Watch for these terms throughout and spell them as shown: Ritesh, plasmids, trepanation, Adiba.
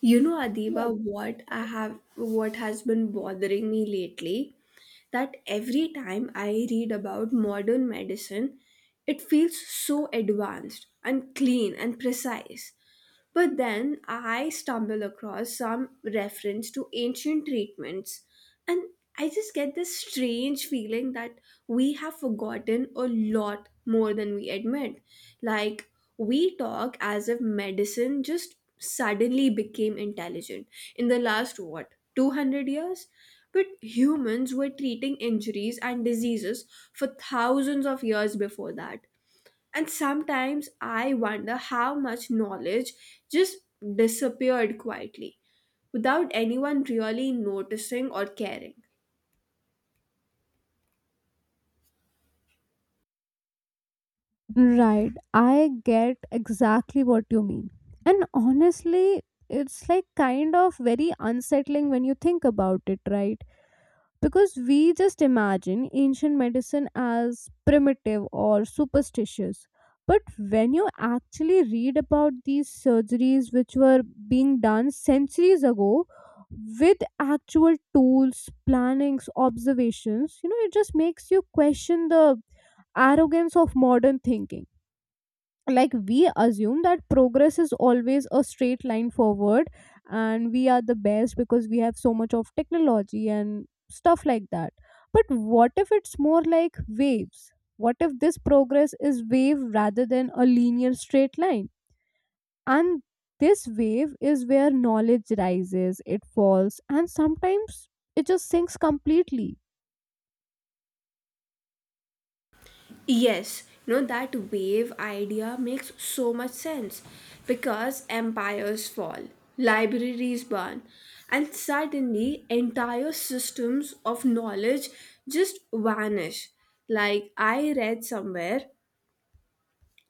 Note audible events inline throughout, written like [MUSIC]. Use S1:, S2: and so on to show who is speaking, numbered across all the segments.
S1: You know, Adiba, what I have, what has been bothering me lately, that every time I read about modern medicine, it feels so advanced and clean and precise. But then I stumble across some reference to ancient treatments, and I just get this strange feeling that we have forgotten a lot more than we admit. Like, we talk as if medicine just suddenly became intelligent in the last, what, 200 years? But humans were treating injuries and diseases for thousands of years before that. And sometimes I wonder how much knowledge just disappeared quietly without anyone really noticing or caring.
S2: Right. I get exactly what you mean. And honestly, it's like kind of very unsettling when you think about it, right? Because we just imagine ancient medicine as primitive or superstitious. But when you actually read about these surgeries which were being done centuries ago with actual tools, plannings, observations, it just makes you question the arrogance of modern thinking, like we assume that progress is always a straight line forward, and we are the best because we have so much of technology and stuff like that. But what if it's more like waves? What if this progress is wave rather than a linear straight line, and this wave is where knowledge rises, it falls, and sometimes it just sinks completely.
S1: Yes, you know that wave idea makes so much sense because empires fall, libraries burn, and suddenly entire systems of knowledge just vanish. Like I read somewhere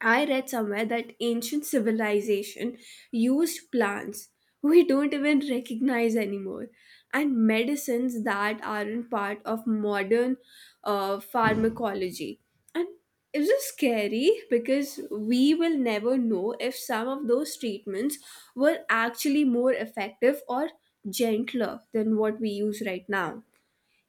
S1: I read somewhere that ancient civilization used plants we don't even recognize anymore, and medicines that aren't part of modern pharmacology. And it's just scary because we will never know if some of those treatments were actually more effective or gentler than what we use right now.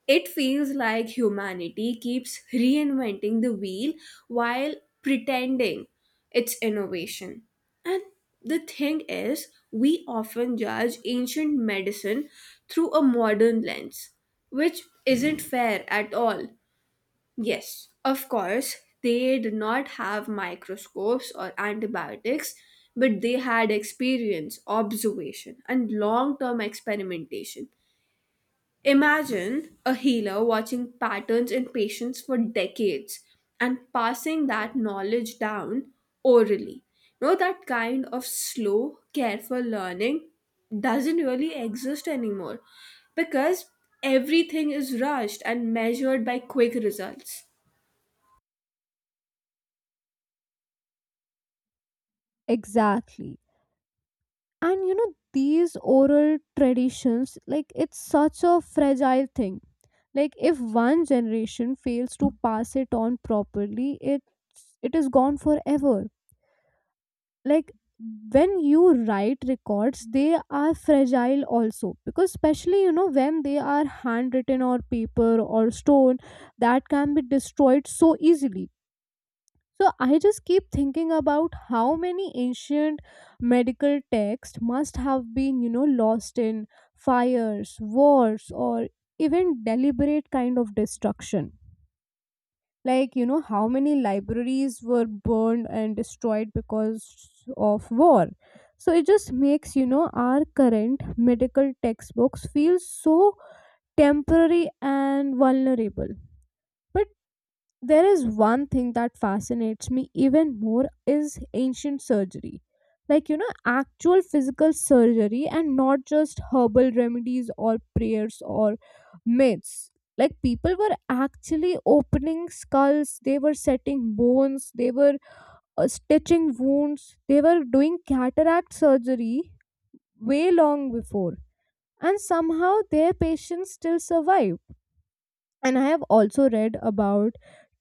S1: It feels like humanity keeps reinventing the wheel while pretending it's innovation. And the thing is, we often judge ancient medicine through a modern lens, which isn't fair at all. Yes, of course, they did not have microscopes or antibiotics, but they had experience, observation, and long term experimentation. Imagine a healer watching patterns in patients for decades and passing that knowledge down orally. You know, that kind of slow, careful learning doesn't really exist anymore because everything is rushed and measured by quick results.
S2: Exactly. And you know these oral traditions, like it's such a fragile thing. Like if one generation fails to pass it on properly, it is gone forever. Like when you write records, they are fragile also, because especially you know when they are handwritten or paper or stone, that can be destroyed so easily. So I just keep thinking about how many ancient medical texts must have been, you know, lost in fires, wars, or even deliberate kind of destruction. Like, you know, how many libraries were burned and destroyed because of war. So it just makes, you know, our current medical textbooks feel so temporary and vulnerable. But there is one thing that fascinates me even more is ancient surgery, like you know actual physical surgery and not just herbal remedies or prayers or myths. Like people were actually opening skulls, they were setting bones, they were stitching wounds, they were doing cataract surgery way long before, and somehow their patients still survive. And I have also read about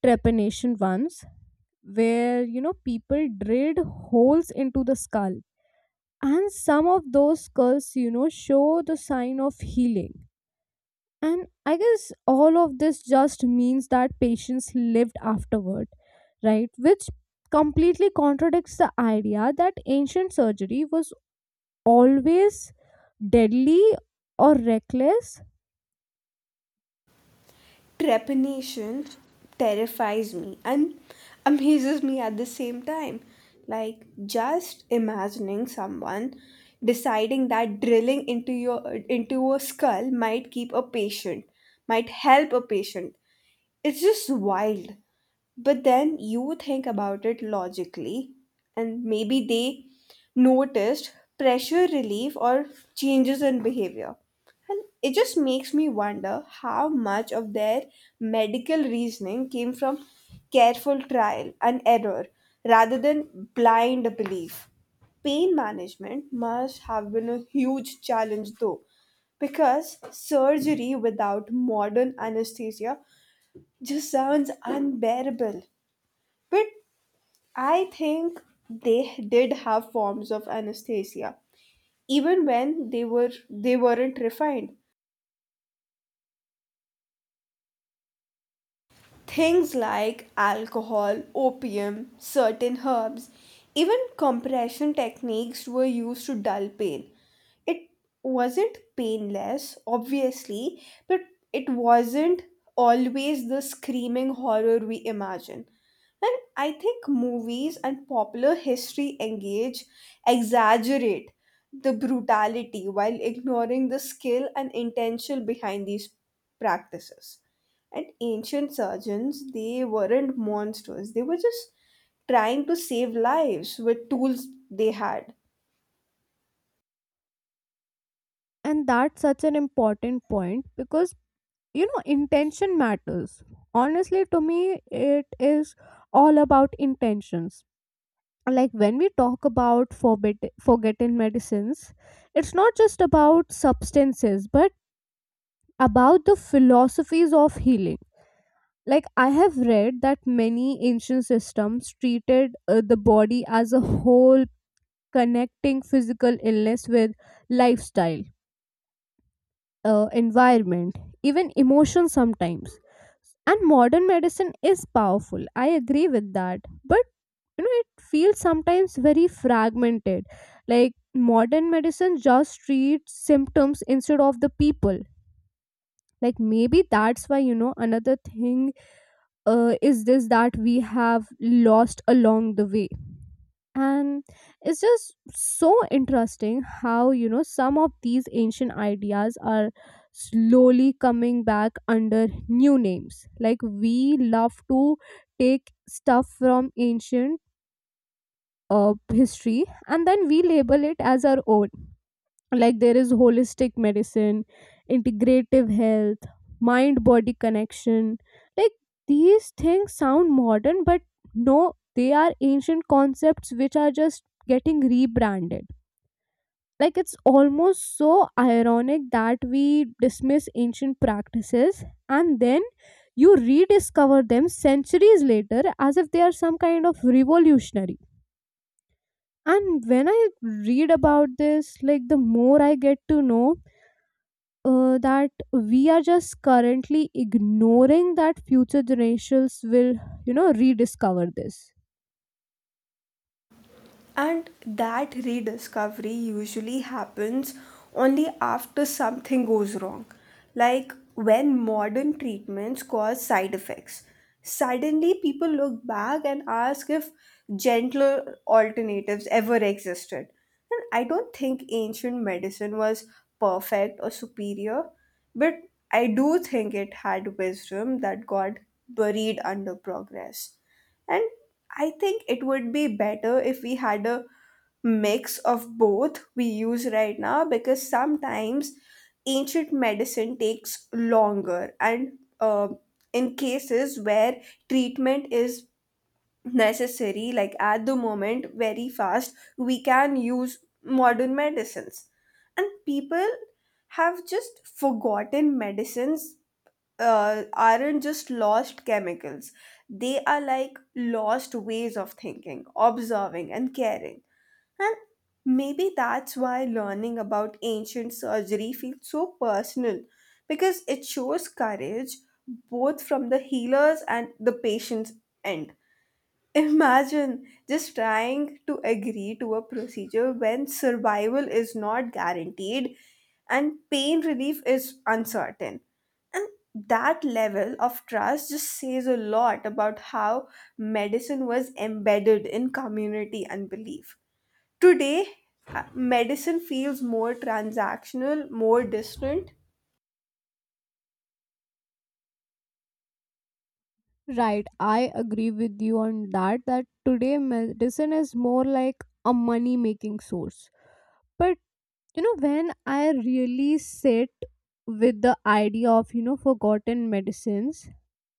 S2: trepanation once, where you know people drilled holes into the skull, and some of those skulls, you know, show the sign of healing. And I guess all of this just means that patients lived afterward, right, which completely contradicts the idea that ancient surgery was always deadly or reckless.
S1: Trepanation terrifies me and amazes me at the same time. Like just imagining someone deciding that drilling into your into a skull might might help a patient. It's just wild. But then you think about it logically, and maybe they noticed pressure relief or changes in behavior. And it just makes me wonder how much of their medical reasoning came from careful trial and error rather than blind belief. Pain management must have been a huge challenge, though, because surgery without modern anesthesia just sounds unbearable. But I think they did have forms of anesthesia, even when they weren't refined. Things like alcohol, opium, certain herbs, even compression techniques were used to dull pain. It wasn't painless, obviously, but it wasn't always the screaming horror we imagine. And I think movies and popular history exaggerate the brutality while ignoring the skill and intention behind these practices. And ancient surgeons, they weren't monsters. They were just trying to save lives with tools they had.
S2: And that's such an important point, because you know intention matters. Honestly, to me it is all about intentions. Like when we talk about forgotten medicines, it's not just about substances but about the philosophies of healing. Like I have read that many ancient systems treated the body as a whole, connecting physical illness with lifestyle, environment, even emotion sometimes. And modern medicine is powerful. I agree with that. But you know, it feels sometimes very fragmented. Like modern medicine just treats symptoms instead of the people. Like maybe that's why you know another thing is this that we have lost along the way. And it's just so interesting how you know some of these ancient ideas are slowly coming back under new names, like we love to take stuff from ancient history and then we label it as our own. Like there is holistic medicine, integrative health, mind body connection. Like these things sound modern, but no, they are ancient concepts which are just getting rebranded. Like it's almost so ironic that we dismiss ancient practices and then you rediscover them centuries later as if they are some kind of revolutionary. And when I read about this, like the more I get to know that we are just currently ignoring that future generations will, you know, rediscover this.
S1: And that rediscovery usually happens only after something goes wrong, like when modern treatments cause side effects. Suddenly, people look back and ask if gentler alternatives ever existed. And I don't think ancient medicine was perfect or superior, but I do think it had wisdom that got buried under progress. And I think it would be better if we had a mix of both we use right now because sometimes ancient medicine takes longer and uh, in cases where treatment is necessary like at the moment very fast we can use modern medicines and people have just forgotten medicines aren't just lost chemicals. They are like lost ways of thinking, observing, and caring. And maybe that's why learning about ancient surgery feels so personal because it shows courage both from the healers and the patient's end. Imagine just trying to agree to a procedure when survival is not guaranteed and pain relief is uncertain. And that level of trust just says a lot about how medicine was embedded in community and belief. Today, medicine feels more transactional, more distant.
S2: Right, I agree with you on that. That today medicine is more like a money making source. But you know, when I really sit with the idea of you know forgotten medicines,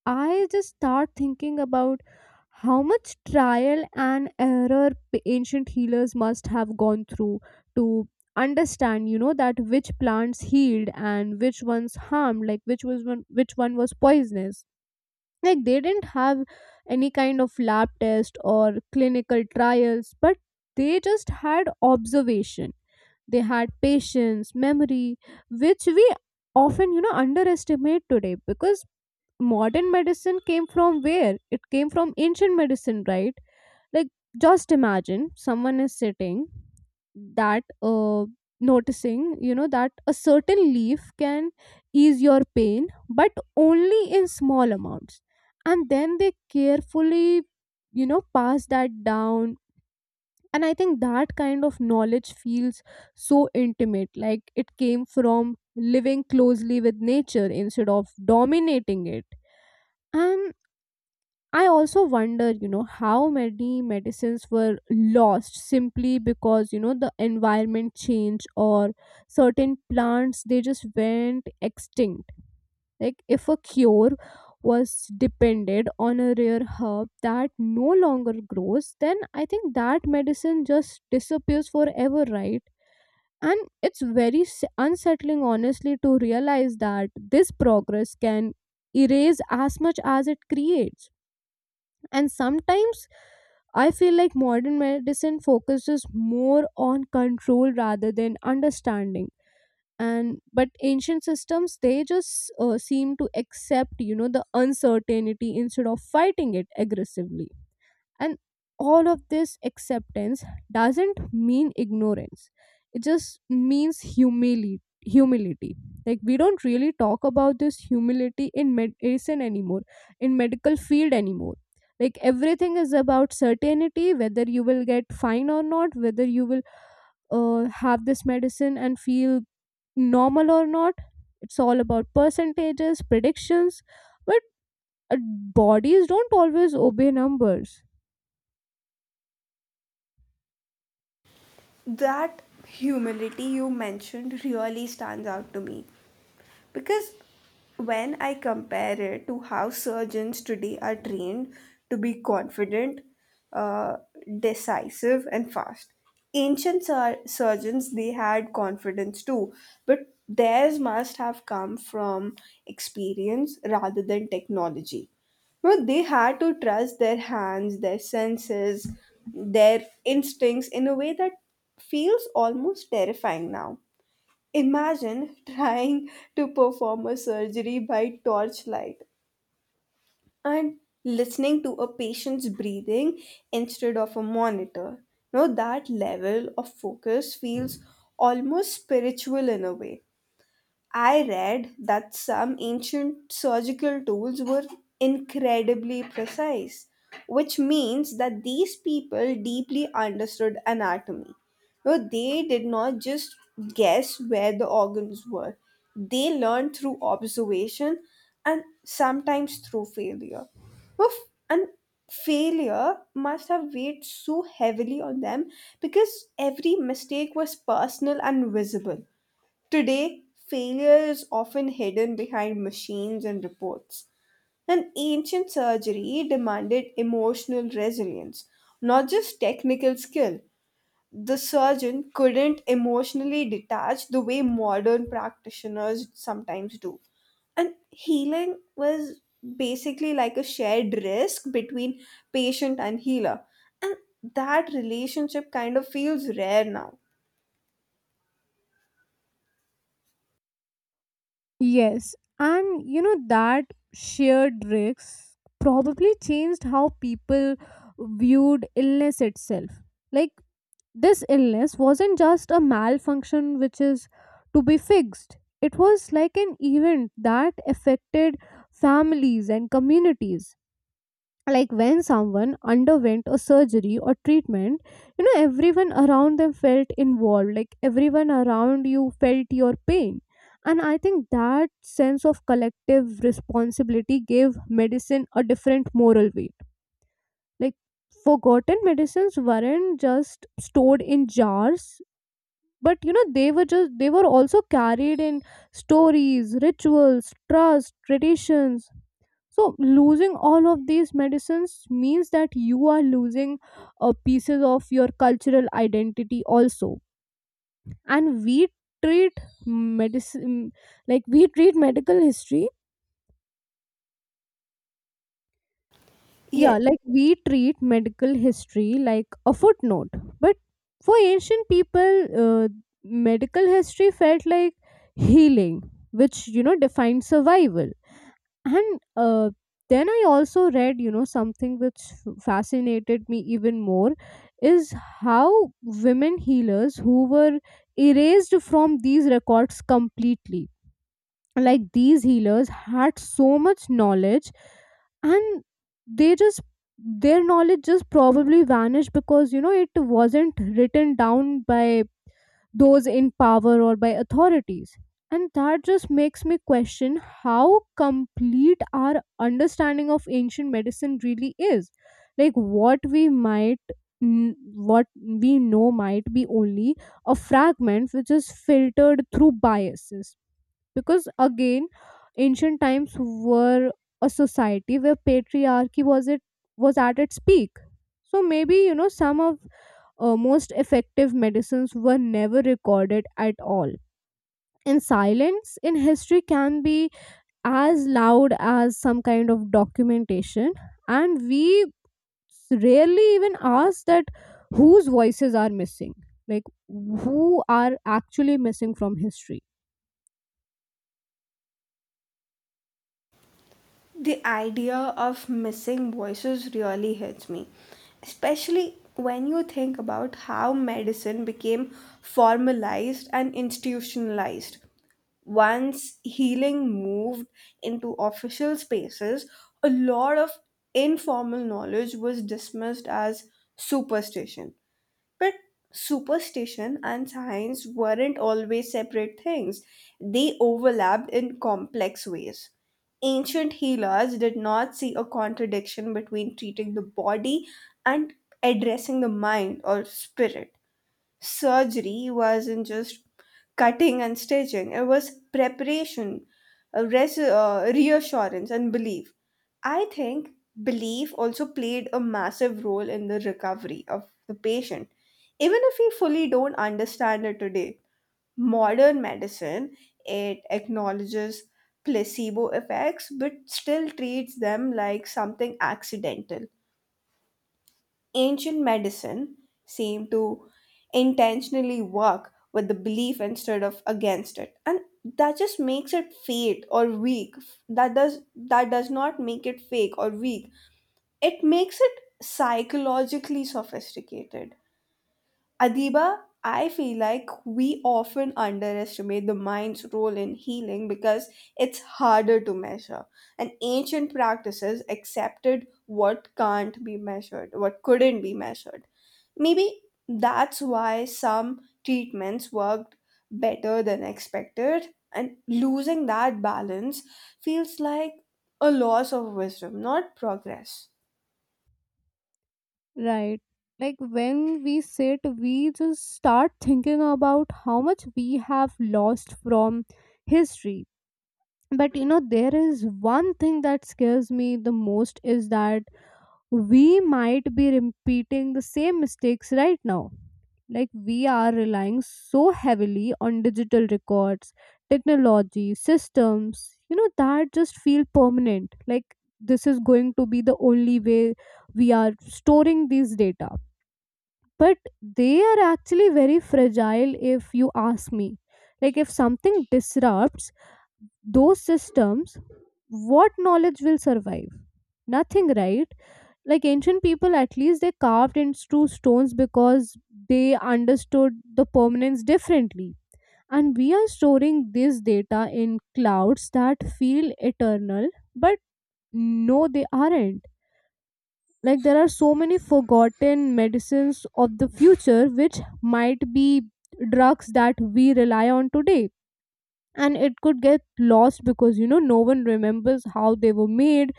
S2: I just start thinking about how much trial and error ancient healers must have gone through to understand you know that which plants healed and which ones harmed, like which was one, which one was poisonous. Like they didn't have any kind of lab test or clinical trials, but they just had observation, they had patience, memory, which we often you know underestimate today. Because modern medicine came from where? It came from ancient medicine, right? Like, just imagine someone is sitting that, noticing, you know, that a certain leaf can ease your pain, but only in small amounts. And then they carefully, you know, pass that down. And I think that kind of knowledge feels so intimate, like it came from living closely with nature instead of dominating it. And I also wonder, you know, how many medicines were lost simply because, you know, the environment changed or certain plants, they just went extinct. Like, if a cure was depended on a rare herb that no longer grows, then I think that medicine just disappears forever, right? And it's very unsettling, honestly, to realize that this progress can erase as much as it creates. And sometimes I feel like modern medicine focuses more on control rather than understanding. And but ancient systems, they just seem to accept you know the uncertainty instead of fighting it aggressively. And all of this acceptance doesn't mean ignorance, it just means humility. Humility. Like we don't really talk about this humility in medicine anymore, in medical field anymore. Like everything is about certainty, whether you will get fine or not, whether you will have this medicine and feel normal or not. It's all about percentages, predictions, but uh, bodies don't always obey numbers.
S1: That humility you mentioned really stands out to me because when I compare it to how surgeons today are trained to be confident, uh, decisive, and fast, surgeons they had confidence too, but theirs must have come from experience rather than technology. Well, they had to trust their hands, their senses, their instincts in a way that feels almost terrifying now. Imagine [LAUGHS] trying to perform a surgery by torchlight and listening to a patient's breathing instead of a monitor. Now, that level of focus feels almost spiritual in a way. I read that some ancient surgical tools were incredibly precise, which means that these people deeply understood anatomy. No, they did not just guess where the organs were, they learned through observation and sometimes through failure. Oof, and failure must have weighed so heavily on them because every mistake was personal and visible. Today, failure is often hidden behind machines and reports. And ancient surgery demanded emotional resilience, not just technical skill. The surgeon couldn't emotionally detach the way modern practitioners sometimes do. And healing was basically like a shared risk between patient and healer. And that relationship kind of feels rare now.
S2: Yes, and you know that shared risk probably changed how people viewed illness itself. Like this illness wasn't just a malfunction which is to be fixed. It was like an event that affected families and communities. Like when someone underwent a surgery or treatment, you know everyone around them felt involved, like everyone around you felt your pain. And I think that sense of collective responsibility gave medicine a different moral weight. Like forgotten medicines weren't just stored in jars, but you know they were just, they were also carried in stories, rituals, trust, traditions. So losing all of these medicines means that you are losing pieces of your cultural identity also. And we treat medicine like we treat medical history.
S1: Yes.
S2: Yeah, like we treat medical history like a footnote. But for ancient people, medical history felt like healing, which you know defined survival. And then I also read you know something which fascinated me even more is how women healers who were erased from these records completely. Like these healers had so much knowledge, and they just, their knowledge just probably vanished because you know it wasn't written down by those in power or by authorities. And that just makes me question how complete our understanding of ancient medicine really is. Like what we might, what we know might be only a fragment which is filtered through biases. Because again, ancient times were a society where patriarchy was at its peak. So maybe you know some of most effective medicines were never recorded at all. And silence in history can be as loud as some kind of documentation, and we rarely even ask that whose voices are missing, like who are actually missing from history.
S1: The idea of missing voices really hits me, especially when you think about how medicine became formalized and institutionalized. Once healing moved into official spaces, a lot of informal knowledge was dismissed as superstition. But superstition and science weren't always separate things, they overlapped in complex ways. Ancient healers did not see a contradiction between treating the body and addressing the mind or spirit. Surgery wasn't just cutting and stitching. It was preparation, reassurance, and belief. I think belief also played a massive role in the recovery of the patient. Even if we fully don't understand it today, modern medicine it acknowledges placebo effects but still treats them like something accidental. Ancient medicine seemed to intentionally work with the belief instead of against it, and that just makes it fake or weak. That does not make it fake or weak. It makes it psychologically sophisticated. Adiba, I feel like we often underestimate the mind's role in healing because it's harder to measure. And ancient practices accepted what couldn't be measured. Maybe that's why some treatments worked better than expected, and losing that balance feels like a loss of wisdom, not progress.
S2: Right. Like when we sit, we just start thinking about how much we have lost from history. But you know there is one thing that scares me the most, is that we might be repeating the same mistakes right now. Like we are relying so heavily on digital records, technology systems, you know, that just feel permanent, like this is going to be the only way we are storing these data. But they are actually very fragile if you ask me. Like if something disrupts those systems, what knowledge will survive? Nothing, right? Like ancient people at least they carved into stones because they understood the permanence differently. And we are storing this data in clouds that feel eternal, but no, they aren't. Like there are so many forgotten medicines of the future which might be drugs that we rely on today, and it could get lost because you know no one remembers how they were made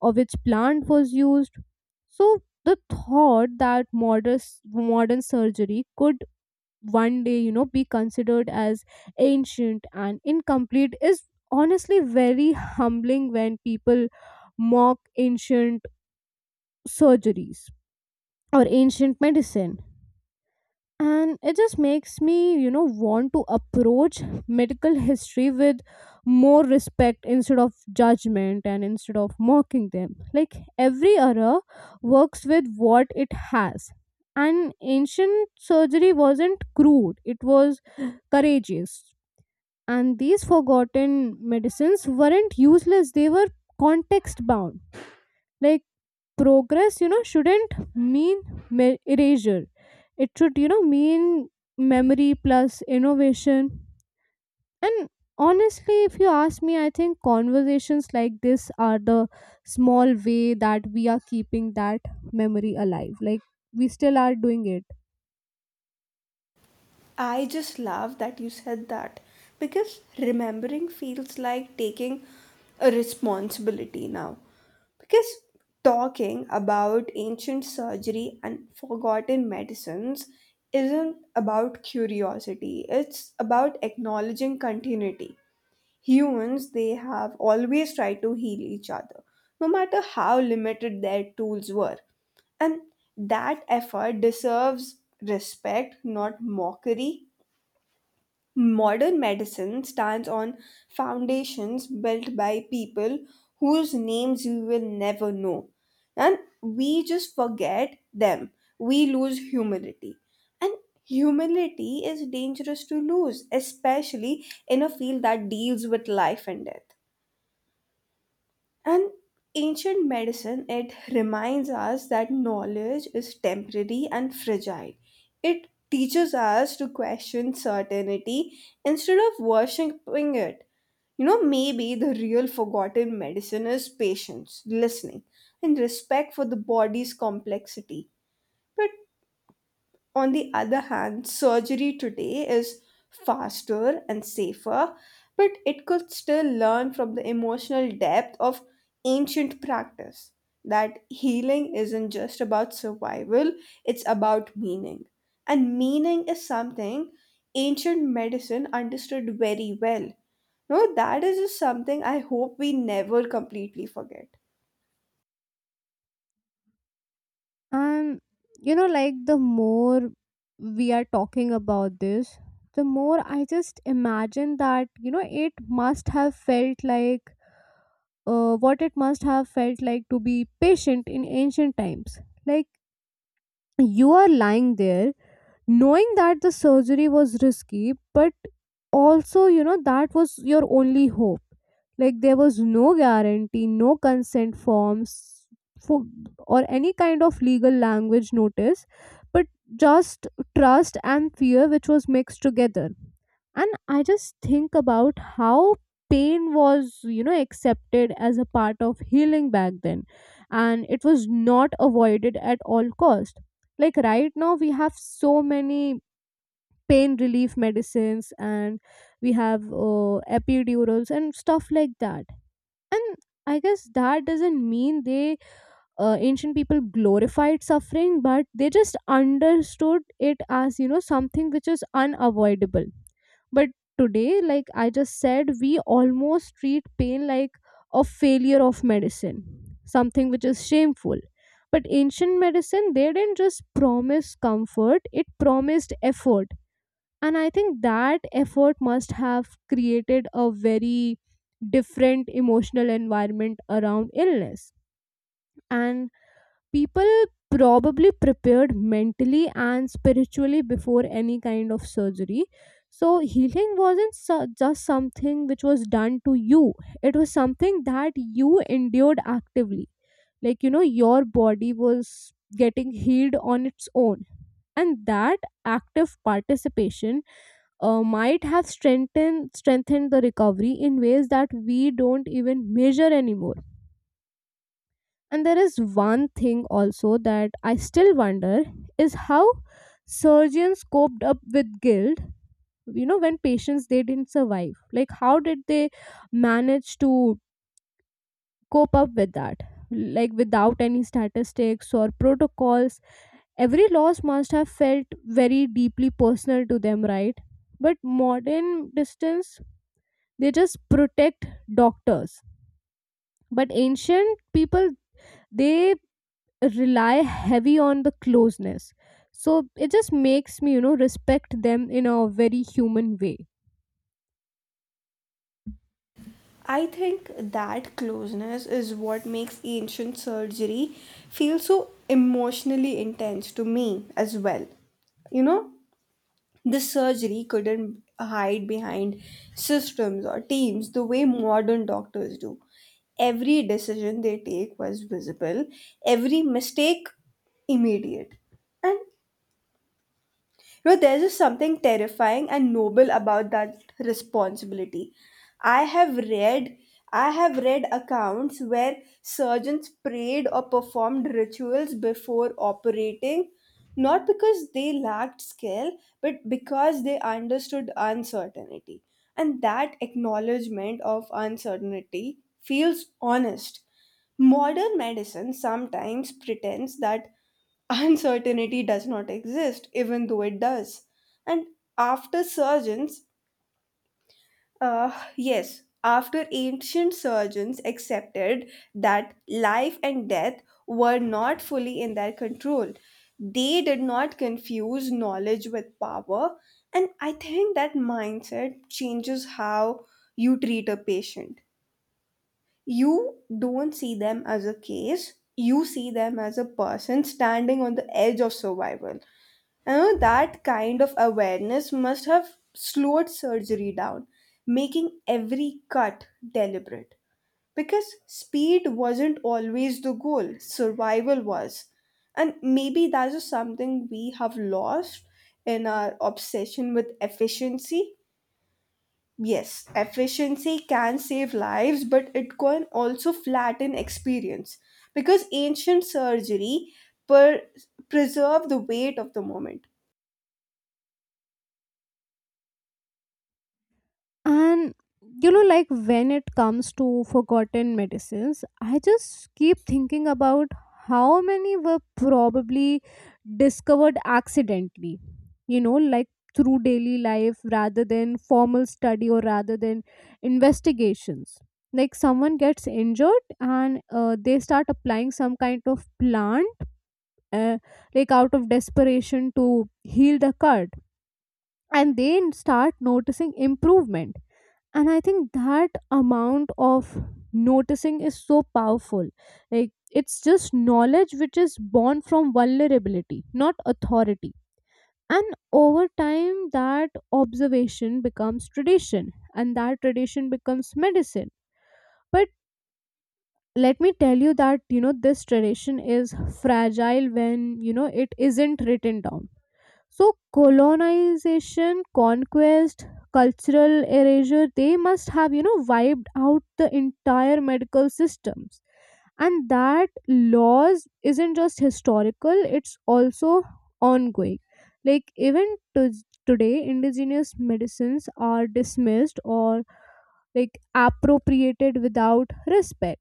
S2: or which plant was used. So the thought that modern surgery could one day you know be considered as ancient and incomplete is honestly very humbling. When people mock ancient surgeries or ancient medicine, and it just makes me you know want to approach medical history with more respect instead of judgment, and instead of mocking them. Like every era works with what it has, and ancient surgery wasn't crude, it was courageous. And these forgotten medicines weren't useless, they were context bound. Like progress you know shouldn't mean erasure, it should you know mean memory plus innovation. And honestly, if you ask me, I think conversations like this are the small way that we are keeping that memory alive, like we still are doing it.
S1: I just love that you said that because remembering feels like taking a responsibility now. Because talking about ancient surgery and forgotten medicines isn't about curiosity, it's about acknowledging continuity. Humans, they have always tried to heal each other, no matter how limited their tools were. And that effort deserves respect, not mockery. Modern medicine stands on foundations built by people whose names we will never know. And we just forget them. We lose humility. And humility is dangerous to lose, especially in a field that deals with life and death. And ancient medicine, it reminds us that knowledge is temporary and fragile. It teaches us to question certainty instead of worshipping it. You know, maybe the real forgotten medicine is patience, listening, and respect for the body's complexity. But on the other hand, surgery today is faster and safer, but it could still learn from the emotional depth of ancient practice that healing isn't just about survival, it's about meaning. And meaning is something ancient medicine understood very well. No, that is just something I hope we never completely forget.
S2: And you know like the more we are talking about this, the more I just imagine that you know it must have felt like What it must have felt like to be patient in ancient times. Like, you are lying there knowing that the surgery was risky, but also, you know, that was your only hope. Like, there was no guarantee, no consent forms for, or any kind of legal language notice, but just trust and fear which was mixed together. And I just think about how pain was, you know, accepted as a part of healing back then, and it was not avoided at all cost. Like right now we have so many pain relief medicines, and we have epidurals and stuff like that. And I guess that doesn't mean they ancient people glorified suffering, but they just understood it as, you know, something which is unavoidable. But today, like I just said, we almost treat pain like a failure of medicine, something which is shameful. But ancient medicine, they didn't just promise comfort, it promised effort. And I think that effort must have created a very different emotional environment around illness. And people probably prepared mentally and spiritually before any kind of surgery. So, healing wasn't su- just something which was done to you, it was something that you endured actively. Like, you know, your body was getting healed on its own. And that active participation might have strengthened the recovery in ways that we don't even measure anymore. And there is one thing also that I still wonder is how surgeons coped up with guilt. You know, when patients they didn't survive, like how did they manage to cope up with that? Like, without any statistics or protocols, every loss must have felt very deeply personal to them, right? But modern distance, they just protect doctors. But ancient people, they rely heavy on the closeness, so it just makes me, you know, respect them in a very human way.
S1: I think that closeness is what makes ancient surgery feel so emotionally intense to me as well. You know, the surgery couldn't hide behind systems or teams the way modern doctors do. Every decision they take was visible, every mistake immediate. And you know, there's just something terrifying and noble about that responsibility. I have read I have read accounts where surgeons prayed or performed rituals before operating, not because they lacked skill, but because they understood uncertainty. And that acknowledgement of uncertainty feels honest. Modern medicine sometimes pretends that uncertainty does not exist, even though it does. And after surgeons, yes, after ancient surgeons accepted that life and death were not fully in their control, they did not confuse knowledge with power. And I think that mindset changes how you treat a patient. You don't see them as a case, you see them as a person standing on the edge of survival. You know that kind of awareness must have slowed surgery down, making every cut deliberate. Because speed wasn't always the goal, survival was. And maybe that is something we have lost in our obsession with efficiency. Yes, efficiency can save lives, but it can also flatten experience. Because ancient surgery per- preserved the weight of the moment.
S2: And you know, like when it comes to forgotten medicines, I just keep thinking about how many were probably discovered accidentally, you know, like through daily life rather than formal study or rather than investigations. Like, someone gets injured and they start applying some kind of plant, uh, like out of desperation to heal the cut, and they start noticing improvement. And I think that amount of noticing is so powerful. Like, it's just knowledge which is born from vulnerability, not authority. And over time that observation becomes tradition, and that tradition becomes medicine. But let me tell you that, you know, this tradition is fragile when, you know, it isn't written down. So, colonization, conquest, cultural erasure, they must have, you know, wiped out the entire medical systems. And that loss isn't just historical, it's also ongoing. Like, even today, indigenous medicines are dismissed or like appropriated without respect.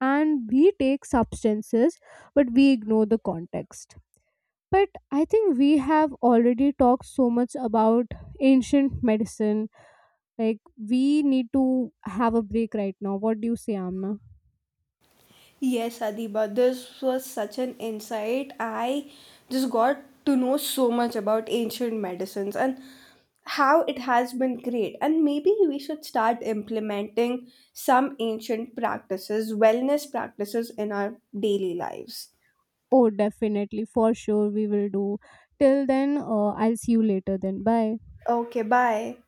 S2: And we take substances, but we ignore the context. But I think we have already talked so much about ancient medicine. Like, we need to have a break right now. What do you say, Amna?
S1: Yes, Adiba, this was such an insight. I just got to know so much about ancient medicines and how it has been great. And maybe we should start implementing some ancient practices, wellness practices in our daily lives.
S2: Oh, definitely. For sure, we will do. Till then, I'll see you later then. Bye.
S1: Okay, bye.